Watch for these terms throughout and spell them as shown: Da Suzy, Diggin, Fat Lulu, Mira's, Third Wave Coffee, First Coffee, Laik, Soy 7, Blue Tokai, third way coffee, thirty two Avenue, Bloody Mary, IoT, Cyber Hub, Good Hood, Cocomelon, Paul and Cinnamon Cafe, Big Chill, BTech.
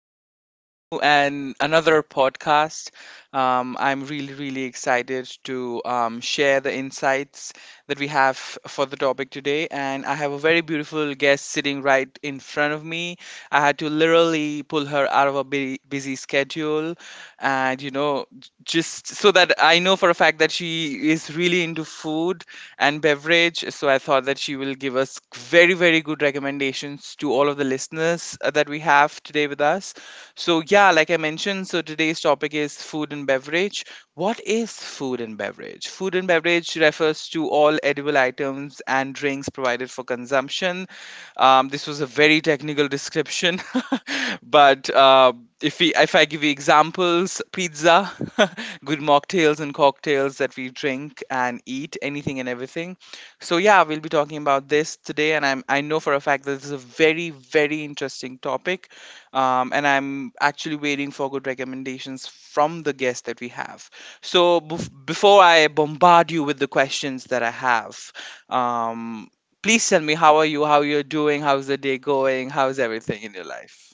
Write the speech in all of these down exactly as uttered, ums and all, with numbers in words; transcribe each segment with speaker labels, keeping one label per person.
Speaker 1: to my new and another podcast. Um, I'm really, really excited to um, share the insights that we have for the topic today. And I have a very beautiful guest sitting right in front of me. I had to literally pull her out of a bu- busy schedule, and you know, j- just so that I know for a fact that she is really into food and beverage. So I thought that she will give us very, very good recommendations to all of the listeners uh, that we have today with us. So, yeah, like I mentioned, so today's topic is food and beverage. What is food and beverage? Food and beverage refers to all edible items and drinks provided for consumption um, This was a very technical description. but uh, if we if I give you examples, pizza, good mocktails and cocktails that we drink and eat, anything and everything. So yeah, we'll be talking about this today, and I'm I know for a fact that this is a very, very interesting topic. Um, and I'm actually waiting for good recommendations from the guests that we have. So bef- before I bombard you with the questions that I have, um, Please tell me, how are you, how you're doing, how's the day going, how's everything in your life?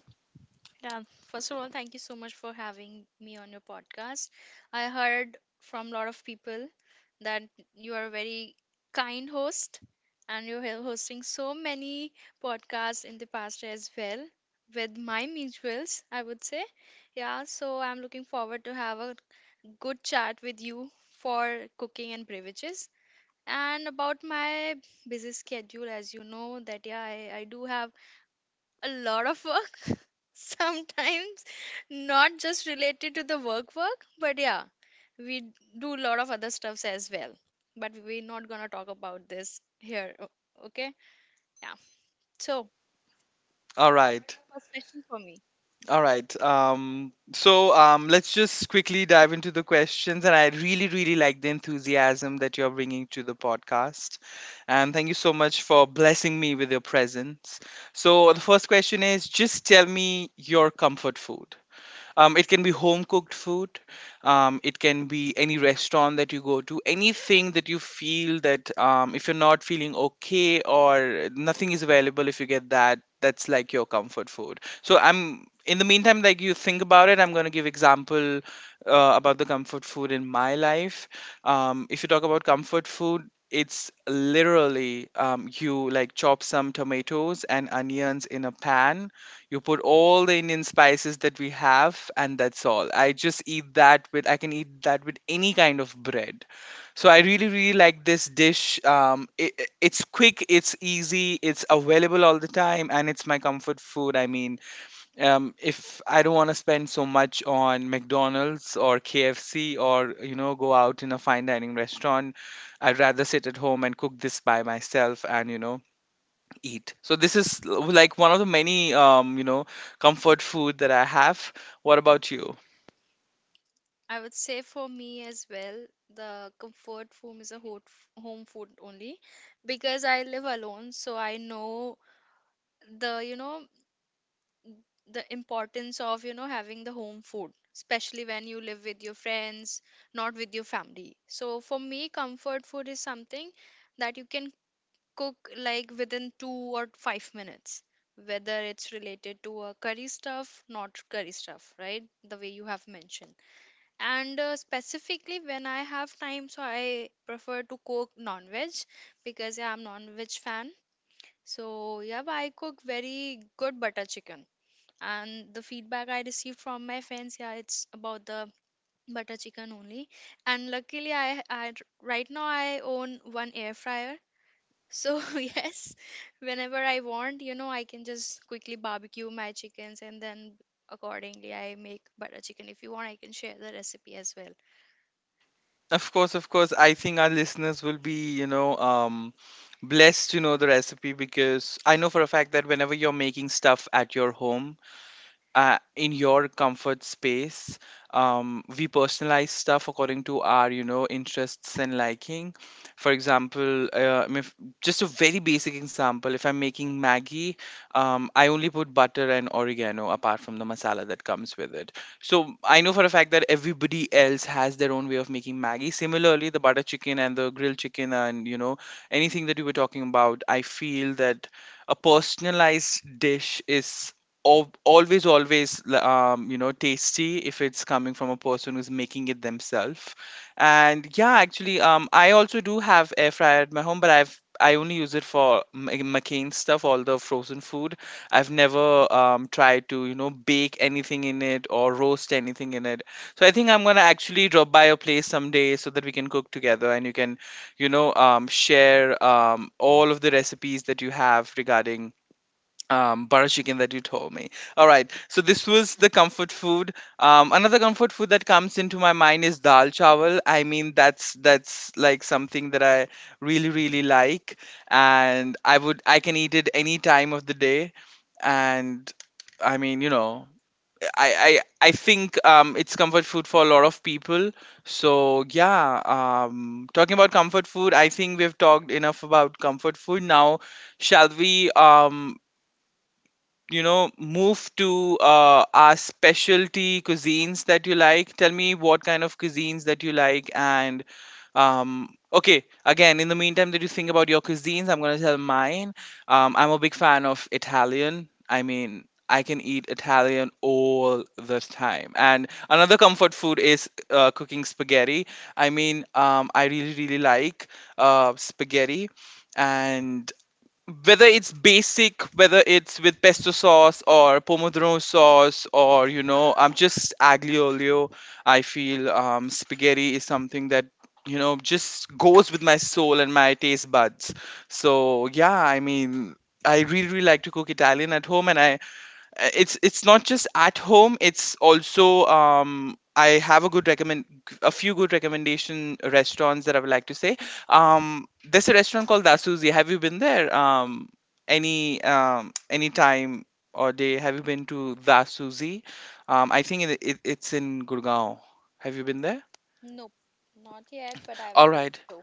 Speaker 2: Yeah, first of all, thank you so much for having me on your podcast. I heard from a lot of people that you are a very kind host and you're hel- hosting so many podcasts in the past as well with my mutuals, I would say. Yeah, so I'm looking forward to have a good chat with you for cooking and beverages. And about my busy schedule, as you know, that yeah, I, I do have a lot of work sometimes, not just related to the work work, but yeah, we do a lot of other stuffs as well, but we're not gonna talk about this here, o- okay? Yeah. So
Speaker 1: All right.
Speaker 2: first question for me.
Speaker 1: All right. Um, so um, let's just quickly dive into the questions. And I really, really like the enthusiasm that you're bringing to the podcast. And thank you so much for blessing me with your presence. So the first question is just tell me your comfort food. Um, it can be home cooked food. Um, it can be any restaurant that you go to. Anything that you feel that um, if you're not feeling okay or nothing is available, if you get that, that's like your comfort food. So I'm in the meantime, like you think about it, I'm gonna give example uh, about the comfort food in my life. Um, if you talk about comfort food, it's literally um, you like chop some tomatoes and onions in a pan. You put all the Indian spices that we have, and that's all. I just eat that with, I can eat that with any kind of bread. So I really, really like this dish. Um, it, it- it's quick, it's easy, it's available all the time, and it's my comfort food. I mean, um, if I don't want to spend so much on McDonald's or K F C or, you know, go out in a fine dining restaurant, I'd rather sit at home and cook this by myself and, you know, eat. So this is l- like one of the many um, you know comfort food that I have. What about you?
Speaker 2: I would say for me as well, the comfort food is a hot f- home food only, because I live alone, so I know the you know the importance of you know having the home food, especially when you live with your friends, not with your family. So for me, comfort food is something that you can cook like within two or five minutes, whether it's related to a curry stuff, not curry stuff, right, the way you have mentioned. And uh, specifically when I have time, so I prefer to cook non-veg, because I'm non-veg fan. So yeah, but I cook very good butter chicken, and the feedback I received from my friends, yeah, it's about the butter chicken only. And luckily i, I right now I own one air fryer. So, yes, whenever I want, you know I can just quickly barbecue my chickens, and then accordingly I make butter chicken. If you want, I can share the recipe as well.
Speaker 1: Of course, of course. I think our listeners will be you know um, blessed to know the recipe because I know for a fact that whenever you're making stuff at your home, uh, in your comfort space. Um, we personalize stuff according to our, you know, interests and liking. For example, uh, if, just a very basic example, if I'm making Maggie, um, I only put butter and oregano apart from the masala that comes with it. So I know for a fact that everybody else has their own way of making Maggie. Similarly, the butter chicken and the grilled chicken and, you know, anything that you were talking about, I feel that a personalized dish is al- always always l- um, you know tasty if it's coming from a person who's making it themselves. And yeah, actually, um I also do have air fryer at my home, but i've i only use it for m- McCain stuff, all the frozen food. I've never um, tried to you know bake anything in it or roast anything in it. So I think I'm gonna actually drop by your place someday so that we can cook together, and you can you know um, share um, all of the recipes that you have regarding um butter chicken that you told me. All right, so this was the comfort food. Um another comfort food that comes into my mind is dal chawal. I mean, that's that's like something that I really, really like, and i would i can eat it any time of the day. And I mean, you know i i i think um it's comfort food for a lot of people. So yeah, um talking about comfort food, I think we've talked enough about comfort food now. Shall we um you know move to uh, our specialty cuisines that you like? Tell me what kind of cuisines that you like, and um okay, again, in the meantime that you think about your cuisines, I'm going to tell mine. um I'm a big fan of Italian. I mean, I can eat Italian all the time, and another comfort food is uh, cooking spaghetti. I mean, um I really, really like uh spaghetti, whether it's basic, whether it's with pesto sauce or pomodoro sauce, or you know, I'm just aglio olio. I feel um, spaghetti is something that you know just goes with my soul and my taste buds. So yeah, I mean, I really, really like to cook Italian at home, and I uh, it's it's not just at home, it's also um I have a good recommend a few good recommendation restaurants that I would like to say. Um there's a restaurant called Dasuzi. Have you been there, um any um any time or day? Have you been to Dasuzi? um I think it, it, it's in Gurgaon. Have you been there?
Speaker 2: Nope, not yet, but I
Speaker 1: All
Speaker 2: would love
Speaker 1: right.
Speaker 2: to.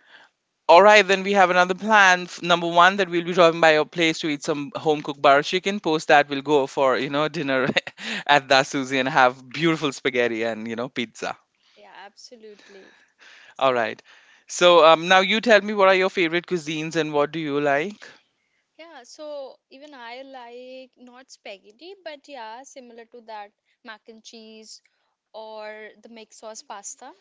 Speaker 1: All right, then we have another plan. F- Number one, that we'll be dropping by your place to eat some home cooked butter chicken. Post that, we'll go for you know dinner at Da Suzy and have beautiful spaghetti and you know pizza.
Speaker 2: Yeah, absolutely.
Speaker 1: All
Speaker 2: So.
Speaker 1: right. So um, now you tell me, what are your favorite cuisines and what do you like?
Speaker 2: Yeah, so even I like not spaghetti, but yeah, similar to that, mac and cheese or the mixed sauce pasta.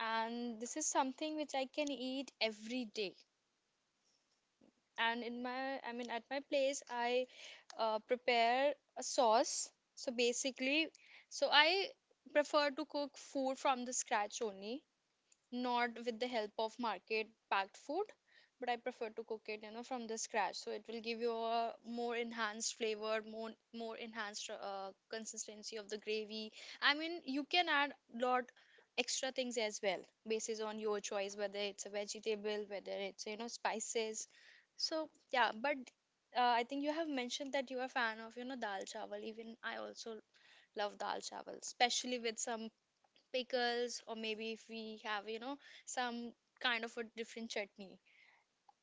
Speaker 2: And this is something which I can eat every day. And in my, I mean, at my place, I uh, prepare a sauce. So basically, so I prefer to cook food from the scratch only, not with the help of market packed food, but I prefer to cook it you know from the scratch, so it will give you a more enhanced flavor, more more enhanced uh, consistency of the gravy. I mean, you can add lot extra things as well, basis on your choice, whether it's a vegetable, whether it's you know spices. So yeah, but uh, I think you have mentioned that you are a fan of you know dal chawal. Even I also love dal chawal, especially with some pickles, or maybe if we have you know some kind of a different chutney,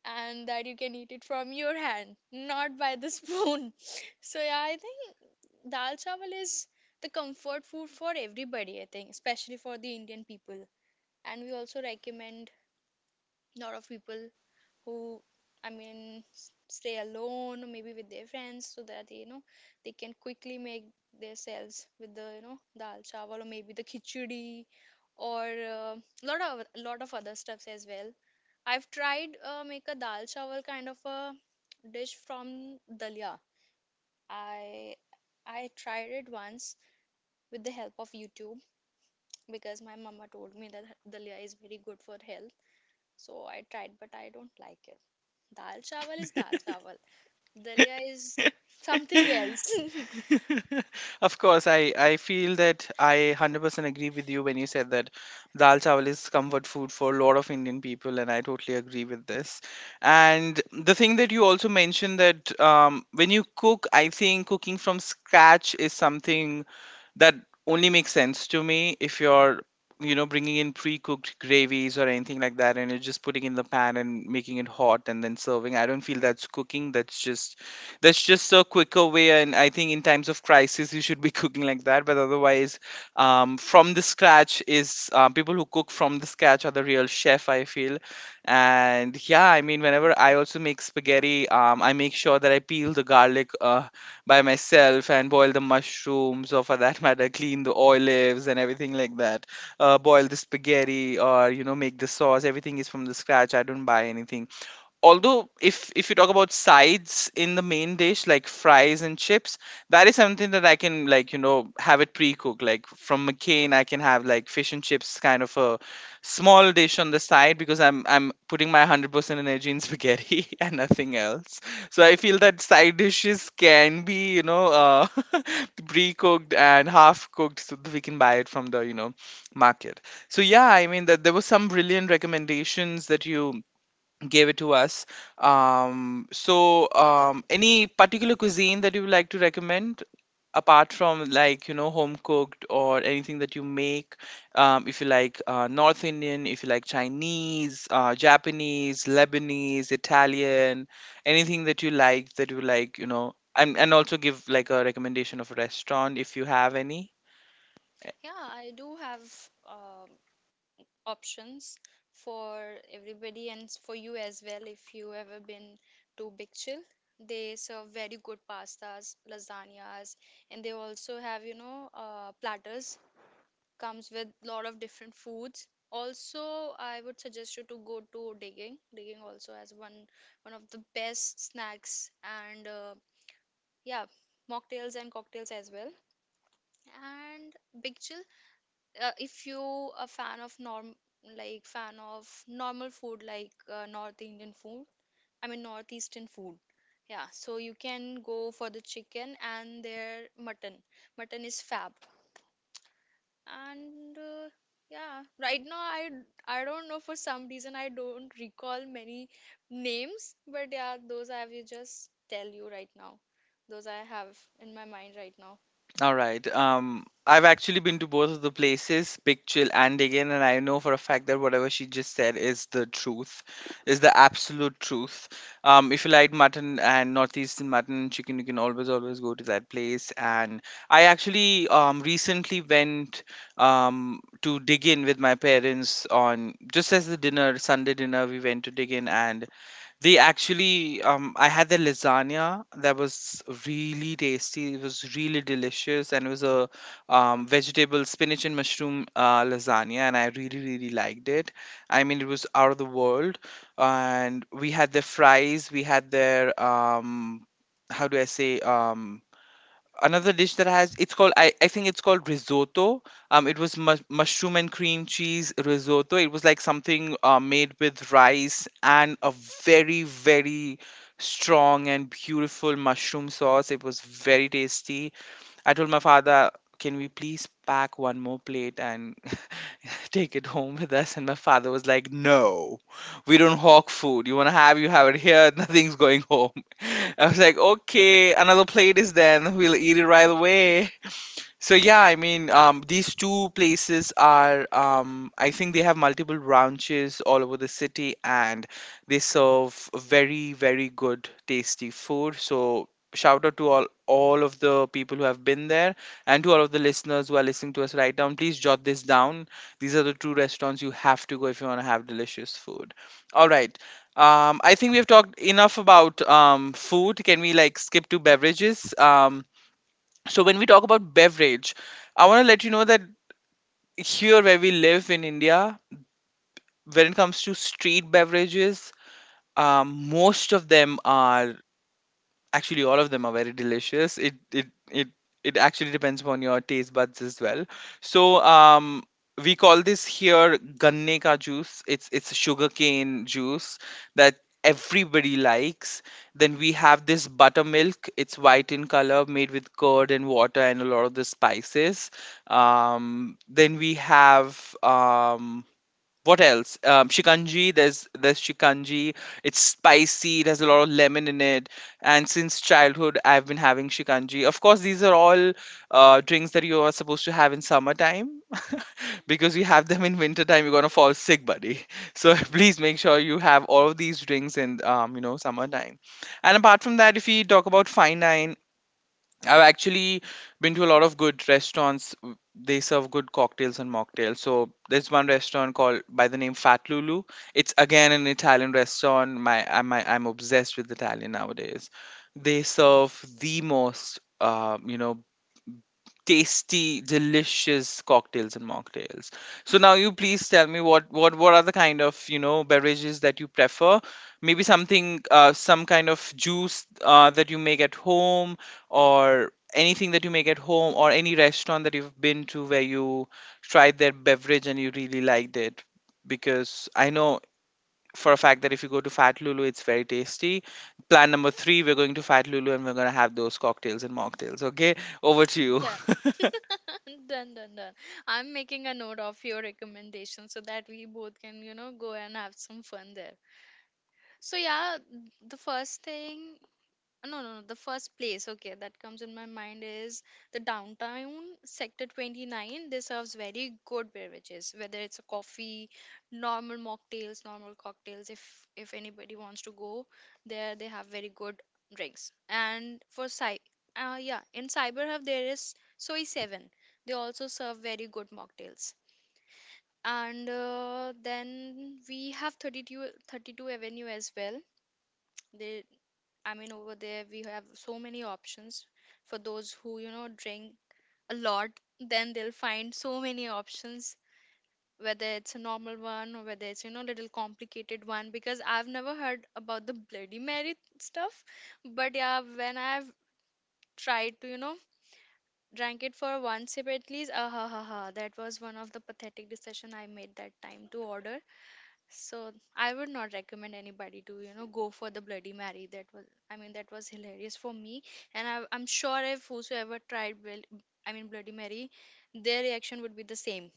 Speaker 2: and that you can eat it from your hand, not by the spoon. So yeah, I think dal chawal is the comfort food for everybody, I think, especially for the Indian people. And we also recommend a lot of people who, I mean, s- stay alone, maybe with their friends, so that you know they can quickly make themselves with the you know dal chawal, or maybe the khichdi, or a lot of lot of other stuffs as well. I've tried uh, make a dal chawal kind of a dish from dalia. I i tried it once with the help of YouTube, because my mama told me that dalia is very good for health. So I tried, but I don't like it. Dal chawal is dal chawal. Dalia is something else.
Speaker 1: Of course, I, I feel that I one hundred percent agree with you when you said that dal chawal is comfort food for a lot of Indian people, and I totally agree with this. And the thing that you also mentioned that um, when you cook, I think cooking from scratch is something that only makes sense to me if you're you know bringing in pre-cooked gravies or anything like that, and you're just putting in the pan and making it hot and then serving. I don't feel that's cooking. That's just that's just a quicker way. And I think in times of crisis, you should be cooking like that. But otherwise, um, from the scratch is uh, people who cook from the scratch are the real chef, I feel. And yeah, I mean, whenever I also make spaghetti, um, I make sure that I peel the garlic uh, by myself and boil the mushrooms, or for that matter, clean the olives and everything like that. Uh, boil the spaghetti or you know make the sauce. Everything is from the scratch, I don't buy anything. Although if if you talk about sides in the main dish like fries and chips, that is something that I can, like, you know have it pre-cooked, like from McCain. I can have like fish and chips kind of a small dish on the side because i'm i'm putting my one hundred percent energy in spaghetti and nothing else. So I feel that side dishes can be you know uh, pre-cooked and half cooked so that we can buy it from the you know market. So yeah, I mean, that there were some brilliant recommendations that you gave it to us. Um, so, um, any particular cuisine that you would like to recommend apart from like you know home cooked or anything that you make? Um, if you like uh, North Indian, if you like Chinese, uh, Japanese, Lebanese, Italian, anything that you like that you like, you know, and and also give like a recommendation of a restaurant if you have any.
Speaker 2: Yeah, I do have um options for everybody, and s- for you as well. If you ever been to Big Chill, they serve very good pastas, lasagnas, and they also have you know uh, platters, comes with a lot of different foods also. I would suggest you to go to digging digging also has one one of the best snacks, and uh, yeah, mocktails and cocktails as well. And Big Chill, uh, if you a fan of norm like fan of normal food, like uh, North Indian food, I mean northeastern food. Yeah, so you can go for the chicken and their mutton. Mutton is fab. And uh, yeah, right now i i don't know, for some reason I don't recall many names. But yeah, those I will just tell you right now, those I have in my mind right now.
Speaker 1: All right. Um, I've actually been to both of the places, Big Chill and Again, and I know for a fact that whatever she just said is the truth, is the absolute truth. Um, if you like mutton and northeastern mutton and chicken, you can always, always go to that place. And I actually um recently went um to dig in with my parents on just as the dinner, Sunday dinner, we went to dig in. And they actually, um, I had the lasagna that was really tasty. It was really delicious, and it was a um, vegetable spinach and mushroom uh, lasagna, and I really, really liked it. I mean, it was out of the world. And we had their fries. We had their um, how do I say um another dish that has it's called, I, I think it's called risotto. um it was mu- mushroom and cream cheese risotto. It was like something uh, made with rice and a very, very strong and beautiful mushroom sauce. It was very tasty. I told my father, "Can we please pack one more plate and take it home with us?" And my father was like, "No, we don't hawk food. You want to have, you have it here." Nothing's going home. I was like, "Okay, another plate is then. We'll eat it right away." So yeah, I mean, um, these two places are, um, I think they have multiple branches all over the city, and they serve very, very good, tasty food. So shout out to all all of the people who have been there, and to all of the listeners who are listening to us right now. Please jot this down. These are the two restaurants you have to go if you want to have delicious food. All right. Um, I think we have talked enough about um, food. Can we like skip to beverages? Um, so when we talk about beverage, I want to let you know that here where we live in India, when it comes to street beverages, um, most of them are. Actually, all of them are very delicious. It it it it actually depends upon your taste buds as well. So, um, we call this here ganne ka juice. It's it's sugarcane juice that everybody likes. Then we have this buttermilk. It's white in color, made with curd and water and a lot of the spices. Um, then we have um, what else? Um, shikanji. There's there's shikanji. It's spicy. It has a lot of lemon in it. And since childhood, I've been having shikanji. Of course, these are all uh, drinks that you are supposed to have in summertime, because you have them in wintertime, you're gonna fall sick, buddy. So please make sure you have all of these drinks in, um, you know summertime. And apart from that, if we talk about fine wine, I've actually been to a lot of good restaurants. w- They serve good cocktails and mocktails. So there's one restaurant called by the name Fat Lulu. It's again an Italian restaurant. My I'm my, I'm obsessed with Italian nowadays. They serve the most, uh, you know, tasty, delicious cocktails and mocktails. So now you please tell me what what what are the kind of you know beverages that you prefer? Maybe something, uh, some kind of juice uh, that you make at home, or anything that you make at home, or any restaurant that you've been to where you tried their beverage and you really liked it. Because I know for a fact that if you go to Fat Lulu, it's very tasty. Plan number three, we're going to Fat Lulu and we're going to have those cocktails and mocktails. Okay, over to you.
Speaker 2: Done. Done, done, done. I'm making a note of your recommendation so that we both can you know go and have some fun there. So yeah, the first thing. No, no, no. The first place, okay, that comes in my mind is the Downtown, Sector twenty nine. This serves very good beverages, whether it's a coffee, normal mocktails, normal cocktails. If if anybody wants to go there, they have very good drinks. And for Cy, uh, yeah, in Cyber Hub there is Soy seven. They also serve very good mocktails. And uh, then we have thirty two, thirty two Avenue as well. They I mean, over there we have so many options for those who, you know, drink a lot, then they'll find so many options, whether it's a normal one or whether it's, you know, little complicated one. Because I've never heard about the Bloody Mary stuff, but yeah, when I've tried to, you know, drank it for one sip at least, ah ha ha ha, that was one of the pathetic decision I made that time to order. So I would not recommend anybody to, you know, go for the Bloody Mary. That was, I mean, that was hilarious for me. And I, I'm sure if whosoever tried, well, I mean, Bloody Mary, their reaction would be the same.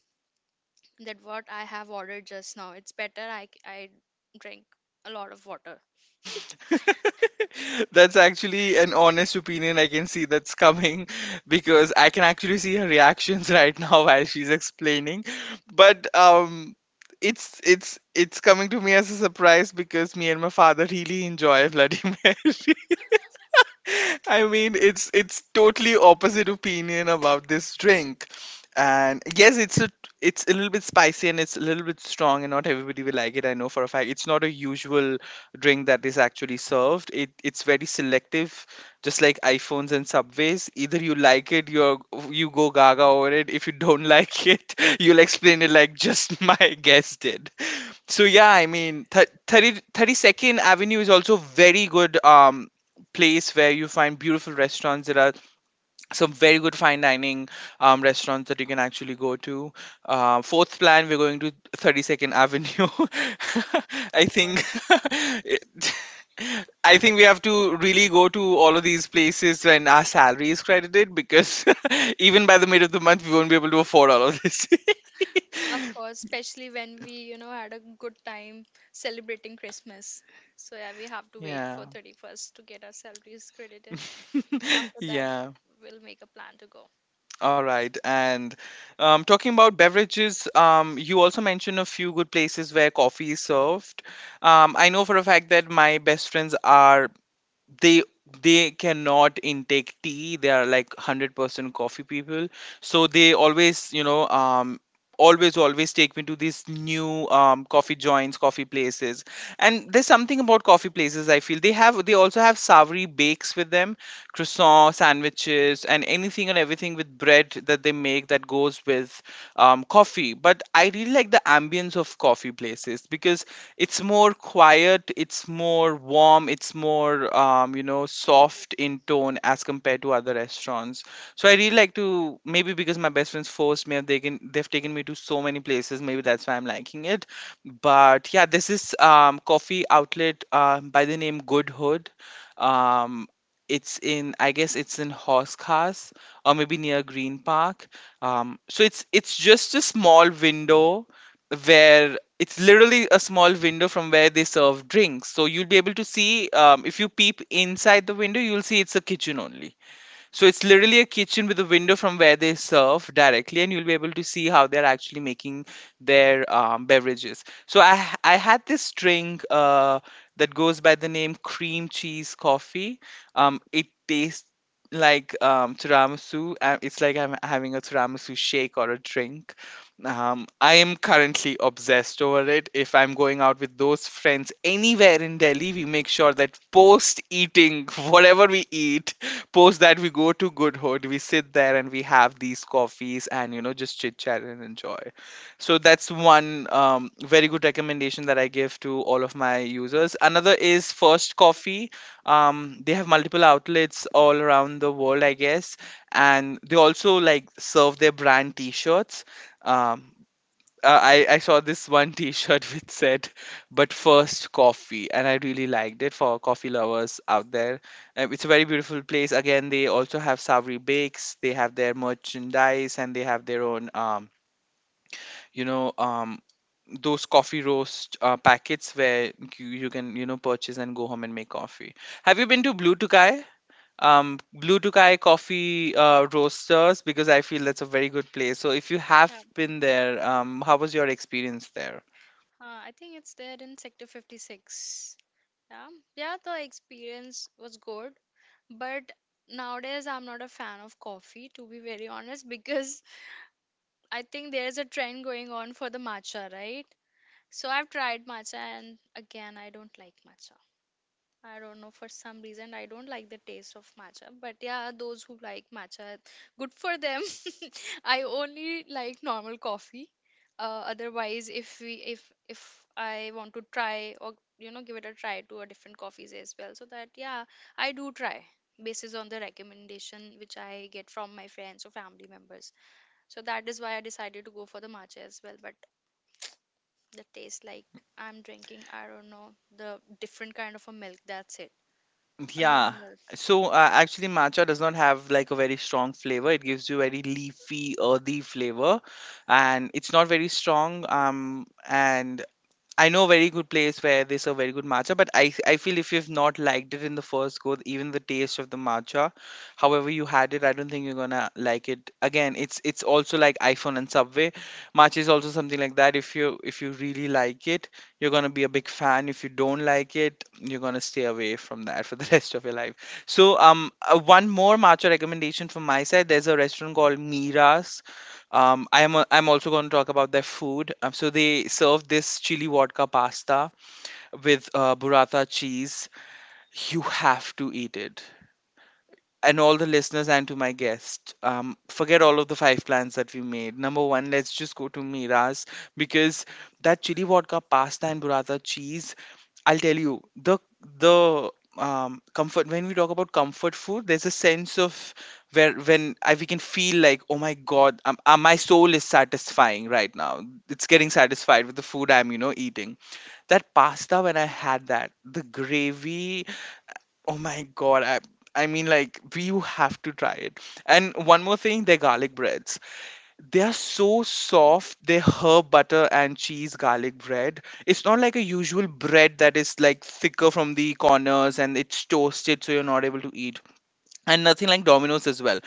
Speaker 2: That what I have ordered just now. It's better I, I drink a lot of water.
Speaker 1: That's actually an honest opinion. I can see that's coming because I can actually see her reactions right now while she's explaining. But, um, it's it's it's coming to me as a surprise because me and my father really enjoy Bloody Mary. I mean, it's it's totally opposite opinion about this drink. And yes, it's a it's a little bit spicy and it's a little bit strong, and not everybody will like it. I know for a fact. It's not a usual drink that is actually served. It it's very selective, just like iPhones and Subways. Either you like it, you you go gaga over it. If you don't like it, you'll explain it like just my guest did. So yeah, I mean, th- thirty, thirty-second Avenue is also very good. Um, place where you find beautiful restaurants. There are some very good fine dining, um, restaurants that you can actually go to. Uh, fourth plan, we're going to thirty-second Avenue. I
Speaker 2: Of course.
Speaker 1: think. it- I think we have to really go to all of these places when our salary is credited, because even by the mid of the month, we won't be able to afford all of this.
Speaker 2: Of course, especially when we, you know, had a good time celebrating Christmas. So yeah, we have to wait
Speaker 1: Yeah.
Speaker 2: for thirty first to get our salaries credited. And after that,
Speaker 1: Yeah.
Speaker 2: we'll make a plan to go.
Speaker 1: All right, and um, talking about beverages, um, you also mentioned a few good places where coffee is served. Um, I know for a fact that my best friends are— they they cannot intake tea. They are like one hundred percent coffee people, so they always, you know um always, always take me to these new, um, coffee joints, coffee places. And there's something about coffee places, I feel they have they also have savory bakes with them, croissant sandwiches and anything and everything with bread that they make, that goes with um, coffee. But I really like the ambience of coffee places, because it's more quiet, it's more warm, it's more, um, you know soft in tone as compared to other restaurants. So I really like to, maybe because my best friends forced me, have taken they've taken me to so many places. Maybe that's why I'm liking it. But yeah, this is, um, coffee outlet uh, by the name Good Hood. Um, it's in I guess it's in Horse Cars, or maybe near Green Park. Um, so it's it's just a small window, where it's literally a small window from where they serve drinks. So you'll be able to see, um, if you peep inside the window, you'll see it's a kitchen only. So it's literally a kitchen with a window from where they serve directly, and you'll be able to see how they're actually making their, um, beverages. So I I had this drink uh, that goes by the name cream cheese coffee. Um, it tastes like, um, tiramisu. Uh, It's like I'm having a tiramisu shake or a drink. Um, I am currently obsessed over it. If I'm going out with those friends anywhere in Delhi, we make sure that post eating, whatever we eat, post that we go to Good Hood, we sit there and we have these coffees and you know just chit chat and enjoy. So that's one, um, very good recommendation that I give to all of my users. Another is First Coffee. Um, they have multiple outlets all around the world, I guess, and they also like serve their brand T-shirts. Um, uh, I, I saw this one t-shirt which said, "But first, coffee," and I really liked it. For coffee lovers out there, um, it's a very beautiful place. Again, they also have savory bakes, they have their merchandise, and they have their own, um, you know um, those coffee roast uh, packets where you, you can you know purchase and go home and make coffee. Have you been to Blue Tokai? um blue Tokai coffee uh, roasters? Because I feel that's a very good place. So if you have
Speaker 2: Yeah.
Speaker 1: been there, um how was your experience there?
Speaker 2: Uh, I think it's there in Sector fifty six. Yeah. Yeah, the experience was good, but nowadays I'm not a fan of coffee, to be very honest, because I think there's a trend going on for the matcha, right? So I've tried matcha, and again, I don't like matcha. I don't know, for some reason I don't like the taste of matcha. But yeah, those who like matcha, good for them. I only like normal coffee. Uh, otherwise, if we if if I want to try, or you know give it a try to a different coffees as well, so that yeah, I do try basis on the recommendation which I get from my friends or family members. So that is why I decided to go for the matcha as well. But the taste, like, I'm drinking, I don't know, the different kind of a milk. That's it. Uh,
Speaker 1: Yeah.
Speaker 2: normal.
Speaker 1: So, uh, actually matcha does not have like a very strong flavor, it gives you very leafy, earthy flavor, and it's not very strong. Um and I know a very good place where they serve very good matcha, but I I feel if you've not liked it in the first go, even the taste of the matcha, however you had it, I don't think you're gonna like it again. It's it's also like iPhone and Subway. Matcha is also something like that. If you if you really like it, you're gonna be a big fan. If you don't like it, you're gonna stay away from that for the rest of your life. So um, uh, one more matcha recommendation from my side. There's a restaurant called Mira's. um, I'm a- I'm also going to talk about their food. Um, so they serve this chili vodka pasta with, uh, burrata cheese. You have to eat it, and all the listeners and to my guest. Um, forget all of the five plans that we made. Number one, let's just go to Mira's, because that chili vodka pasta and burrata cheese. I'll tell you the, the um, comfort. When we talk about comfort food, there's a sense of, where when I, we can feel like, "Oh my god, um, uh, my soul is satisfying right now. It's getting satisfied with the food I'm you know eating. That pasta when I had that, the gravy. Oh my god, I I mean like, you have to try it." And one more thing, their garlic breads. They are so soft, their herb butter and cheese garlic bread. It's not like a usual bread that is like thicker from the corners and it's toasted so you're not able to eat. And nothing like Domino's as well,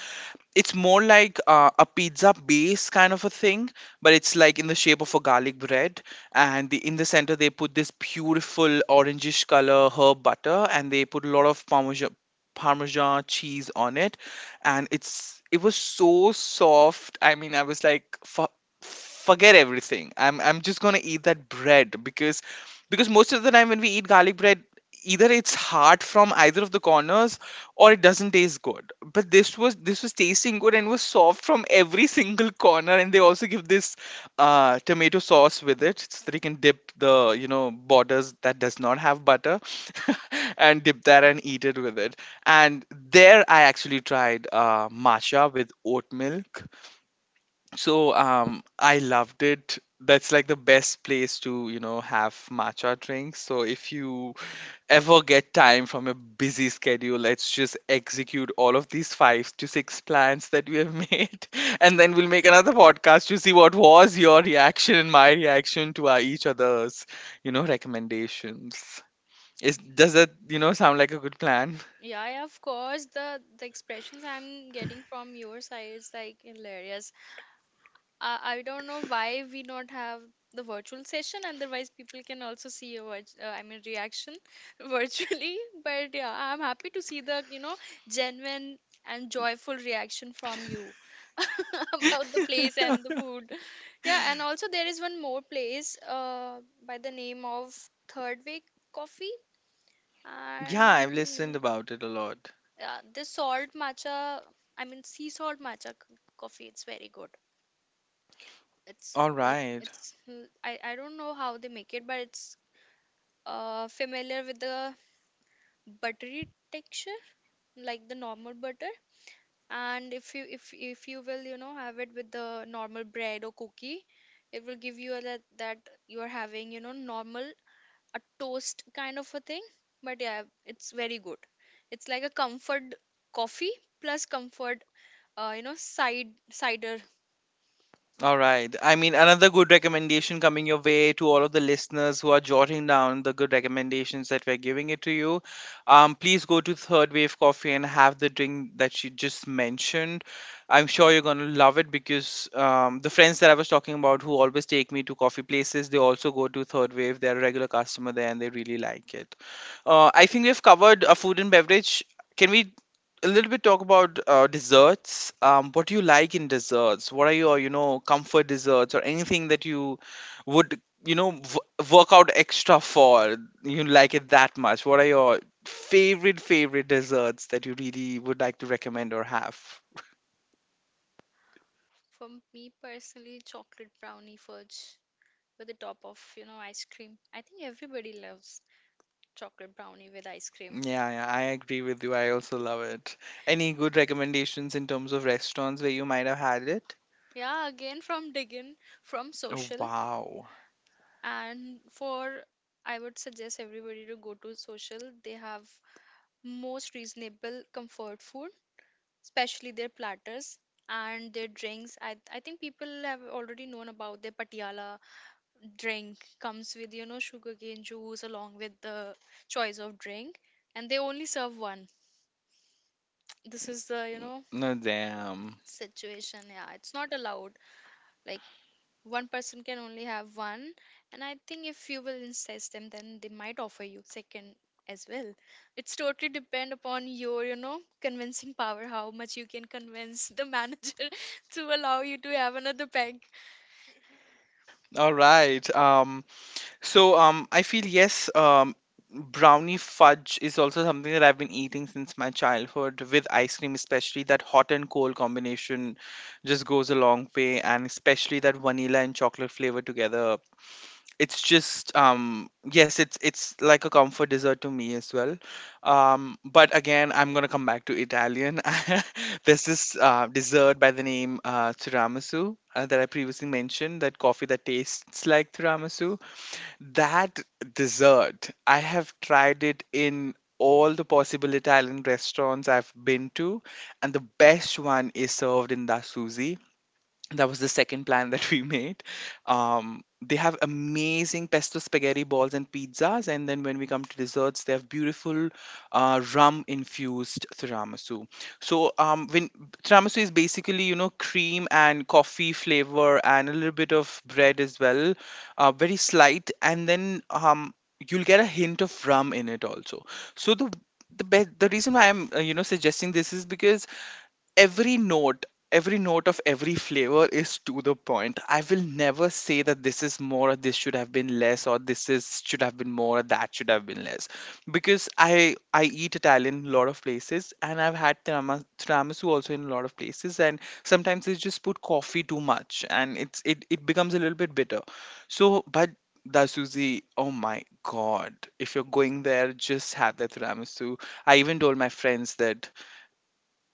Speaker 1: it's more like uh, a pizza base kind of a thing, but it's like in the shape of a garlic bread, and the, in the center they put this beautiful orangish color herb butter, and they put a lot of parmesan parmesan cheese on it. And it's it was so soft. I mean, I was like, "Fu- forget everything, i'm i'm just going to eat that bread, because because most of the time when we eat garlic bread, either it's hard from either of the corners or it doesn't taste good. But this was this was tasting good and was soft from every single corner. And they also give this uh, tomato sauce with it, so that you can dip the you know borders that does not have butter, and dip that and eat it with it. And there I actually tried uh, matcha with oat milk. So um, I loved it. That's like the best place to you know have matcha drinks. So if you ever get time from a busy schedule. Let's just execute all of these five to six plans that we have made. And then we'll make another podcast to see what was your reaction and my reaction to our, each other's, you know, recommendations. Is, does that, you know, sound like a good plan?
Speaker 2: Yeah, yeah, of course, the the expressions I'm getting from your side is like hilarious. uh, I don't know why we not have the virtual session, otherwise people can also see your virtu- uh, I mean reaction virtually. But yeah, I'm happy to see the you know genuine and joyful reaction from you about the place and the food. Yeah, and also there is one more place uh by the name of Third Way Coffee.
Speaker 1: Yeah, I've listened
Speaker 2: And
Speaker 1: about it a lot.
Speaker 2: yeah, this salt matcha, I mean sea salt matcha c- coffee, it's very good. It's
Speaker 1: All
Speaker 2: like
Speaker 1: right.
Speaker 2: it's l- I I don't know how they make it, but it's uh familiar with the buttery texture, like the normal butter. And if you if if you will, you know, have it with the normal bread or cookie, it will give you a, that that you are having, you know, normal, a toast kind of a thing. But yeah, it's very good. It's like a comfort coffee plus comfort, uh, you know, side cider.
Speaker 1: All right. I mean, another good recommendation coming your way to all of the listeners who are jotting down the good recommendations that we're giving it to you. Um, please go to Third Wave Coffee and have the drink that she just mentioned. I'm sure you're going to love it, because um, the friends that I was talking about who always take me to coffee places, they also go to Third Wave. They're a regular customer there and they really like it. Uh, I think we've covered uh, food and beverage. Can we a little bit talk about uh, desserts. Um, what do you like in desserts? What are your, you know, comfort desserts, or anything that you would, you know, w- work out extra for? You like it that much? What are your favorite favorite desserts that you really would like to recommend or have?
Speaker 2: For me personally, chocolate brownie fudge with the top of you know ice cream. I think everybody loves chocolate brownie with ice cream.
Speaker 1: Yeah, yeah, I agree with you. I also love it. Any good recommendations in terms of restaurants where you might have had it?
Speaker 2: Yeah, again from Diggin, from
Speaker 1: Oh,
Speaker 2: Social,
Speaker 1: wow.
Speaker 2: and for I would suggest everybody to go to Social. They have most reasonable comfort food, especially their platters and their drinks. I I think people have already known about their patiala drink, comes with you know sugarcane juice along with the choice of drink, and they only serve one. This is the you know
Speaker 1: No, damn.
Speaker 2: situation. Yeah, it's not allowed, like, one person can only have one. And I think if you will insist them, then they might offer you second as well. It's totally depend upon your you know convincing power, how much you can convince the manager to allow you to have another pack.
Speaker 1: All right. Um, So um, I feel yes, um, brownie fudge is also something that I've been eating since my childhood with ice cream, especially that hot and cold combination just goes a long way, and especially that vanilla and chocolate flavor together. It's just um, yes, it's it's like a comfort dessert to me as well. Um, but again, I'm gonna come back to Italian. There's this uh, dessert by the name uh, tiramisu, uh, that I previously mentioned, that coffee that tastes like tiramisu, that dessert, I have tried it in all the possible Italian restaurants I've been to, and the best one is served in the, that was the second plan that we made. Um, they have amazing pesto spaghetti balls and pizzas, and then when we come to desserts, they have beautiful uh, rum infused tiramisu. So um, when tiramisu is basically you know cream and coffee flavor and a little bit of bread as well, uh, very slight, and then um, you'll get a hint of rum in it also. So the the be- the reason why I'm uh, you know suggesting this is because every note every note of every flavor is to the point. I will never say that this is more, or this should have been less, or this is should have been more, or that should have been less, because i i eat Italian a lot of places, and I've had tirama- tiramisu also in a lot of places, and sometimes they just put coffee too much, and it's it, it becomes a little bit bitter. So but the Suzy, oh my god! If you're going there, just have the tiramisu. I even told my friends that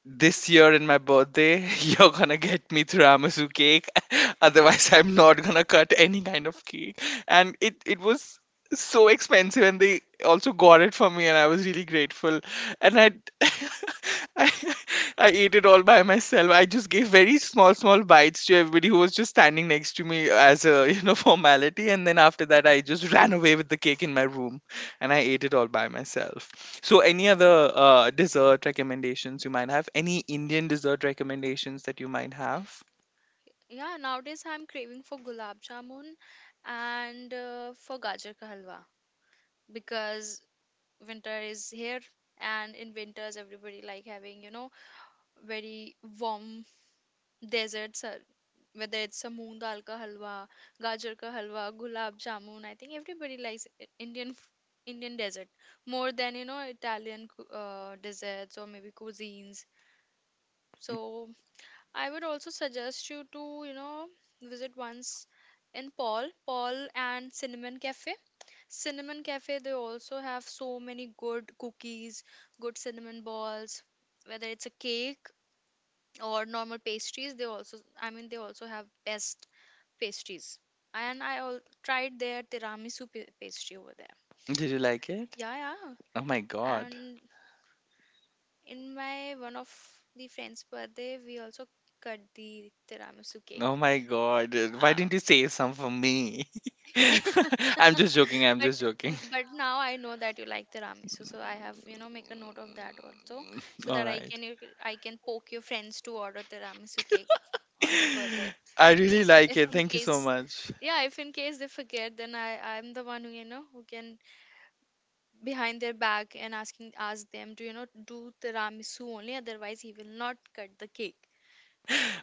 Speaker 1: this year in my birthday, you're gonna get me tiramisu cake. Otherwise, I'm not gonna cut any kind of cake. And it it was so expensive, and they also got it for me, and I was really grateful. And I I, I ate it all by myself. I just gave very small small bites to everybody who was just standing next to me as a you know formality, and then after that, I just ran away with the cake in my room and I ate it all by myself. So, any other uh, dessert recommendations you might have? Any Indian dessert recommendations that you might have?
Speaker 2: Yeah, nowadays I'm craving for gulab jamun, and uh, for gajar ka halwa, because winter is here, and in winters everybody like having, you know, very warm desserts, uh, whether it's a moong dal ka halwa, gajar ka halwa, gulab jamun. I think everybody likes I- Indian f- Indian dessert more than, you know, Italian cu- uh, desserts, or maybe cuisines. So I would also suggest you to, you know, visit once in Paul, Paul and Cinnamon Cafe. Cinnamon Cafe, they also have so many good cookies, good cinnamon balls, whether it's a cake or normal pastries. they also, I mean, they also have best pastries. And I al- tried their tiramisu pa- pastry over there.
Speaker 1: Did you like it?
Speaker 2: Yeah, yeah.
Speaker 1: Oh my god.
Speaker 2: And in my one of the friend's birthday, we also cut the tiramisu cake.
Speaker 1: Oh my god. Why
Speaker 2: Uh,
Speaker 1: didn't you save some for me? I'm just joking.
Speaker 2: But
Speaker 1: I'm just
Speaker 2: n-
Speaker 1: joking.
Speaker 2: but now I know that you like the tiramisu, so I have you know make a note of that also, so that
Speaker 1: All
Speaker 2: I can
Speaker 1: right.
Speaker 2: you c- I can poke your friends to order tiramisu cake on your birthday.
Speaker 1: I really
Speaker 2: If,
Speaker 1: like
Speaker 2: if
Speaker 1: it.
Speaker 2: in
Speaker 1: Thank you so
Speaker 2: case,
Speaker 1: much.
Speaker 2: yeah, if in case they forget, then I I'm the one who you know who can behind their back and asking ask them to you know do tiramisu only, otherwise he will not cut the cake.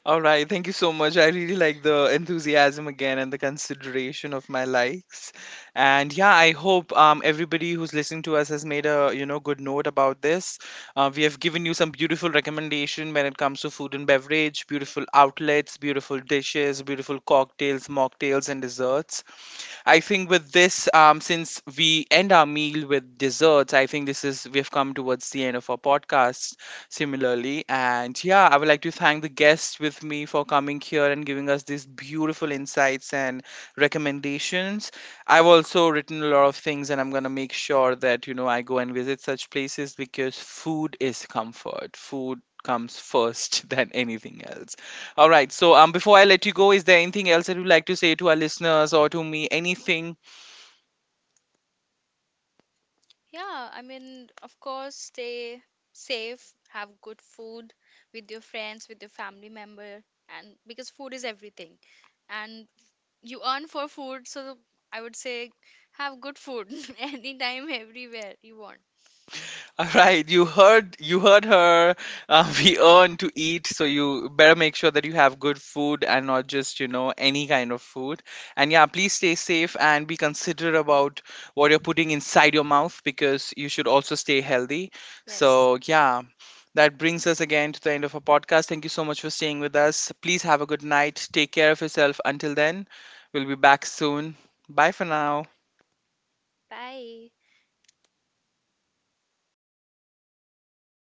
Speaker 1: All right, thank you so much. I really like the enthusiasm again and the consideration of my likes. And yeah, I hope um, everybody who's listening to us has made a you know good note about this. Uh, we have given you some beautiful recommendation when it comes to food and beverage, beautiful outlets, beautiful dishes, beautiful cocktails, mocktails, and desserts. I think with this, um, since we end our meal with desserts, I think this is we've come towards the end of our podcast. Similarly, and yeah, I would like to thank the guests with me for coming here and giving us these beautiful insights and recommendations. I've also written a lot of things, and I'm gonna make sure that you know I go and visit such places because food is comfort. Food comes first than anything else. All right. So, um, before I let you go, is there anything else that you'd like to say to our listeners or to me? Anything.
Speaker 2: Yeah, I mean, of course, stay safe, have good food with your friends, with your family member, and because food is everything. And you earn for food, so I would say, have good food anytime, everywhere you want.
Speaker 1: All right, you heard you heard her. Uh, we earn to eat, so you better make sure that you have good food and not just you know any kind of food. And yeah, please stay safe and be considerate about what you're putting inside your mouth, because you should also stay healthy.
Speaker 2: Yes.
Speaker 1: So yeah, that brings us again to the end of our podcast. Thank you so much for staying with us. Please have a good night. Take care of yourself. Until then, we'll be back soon. Bye for now.
Speaker 2: Bye.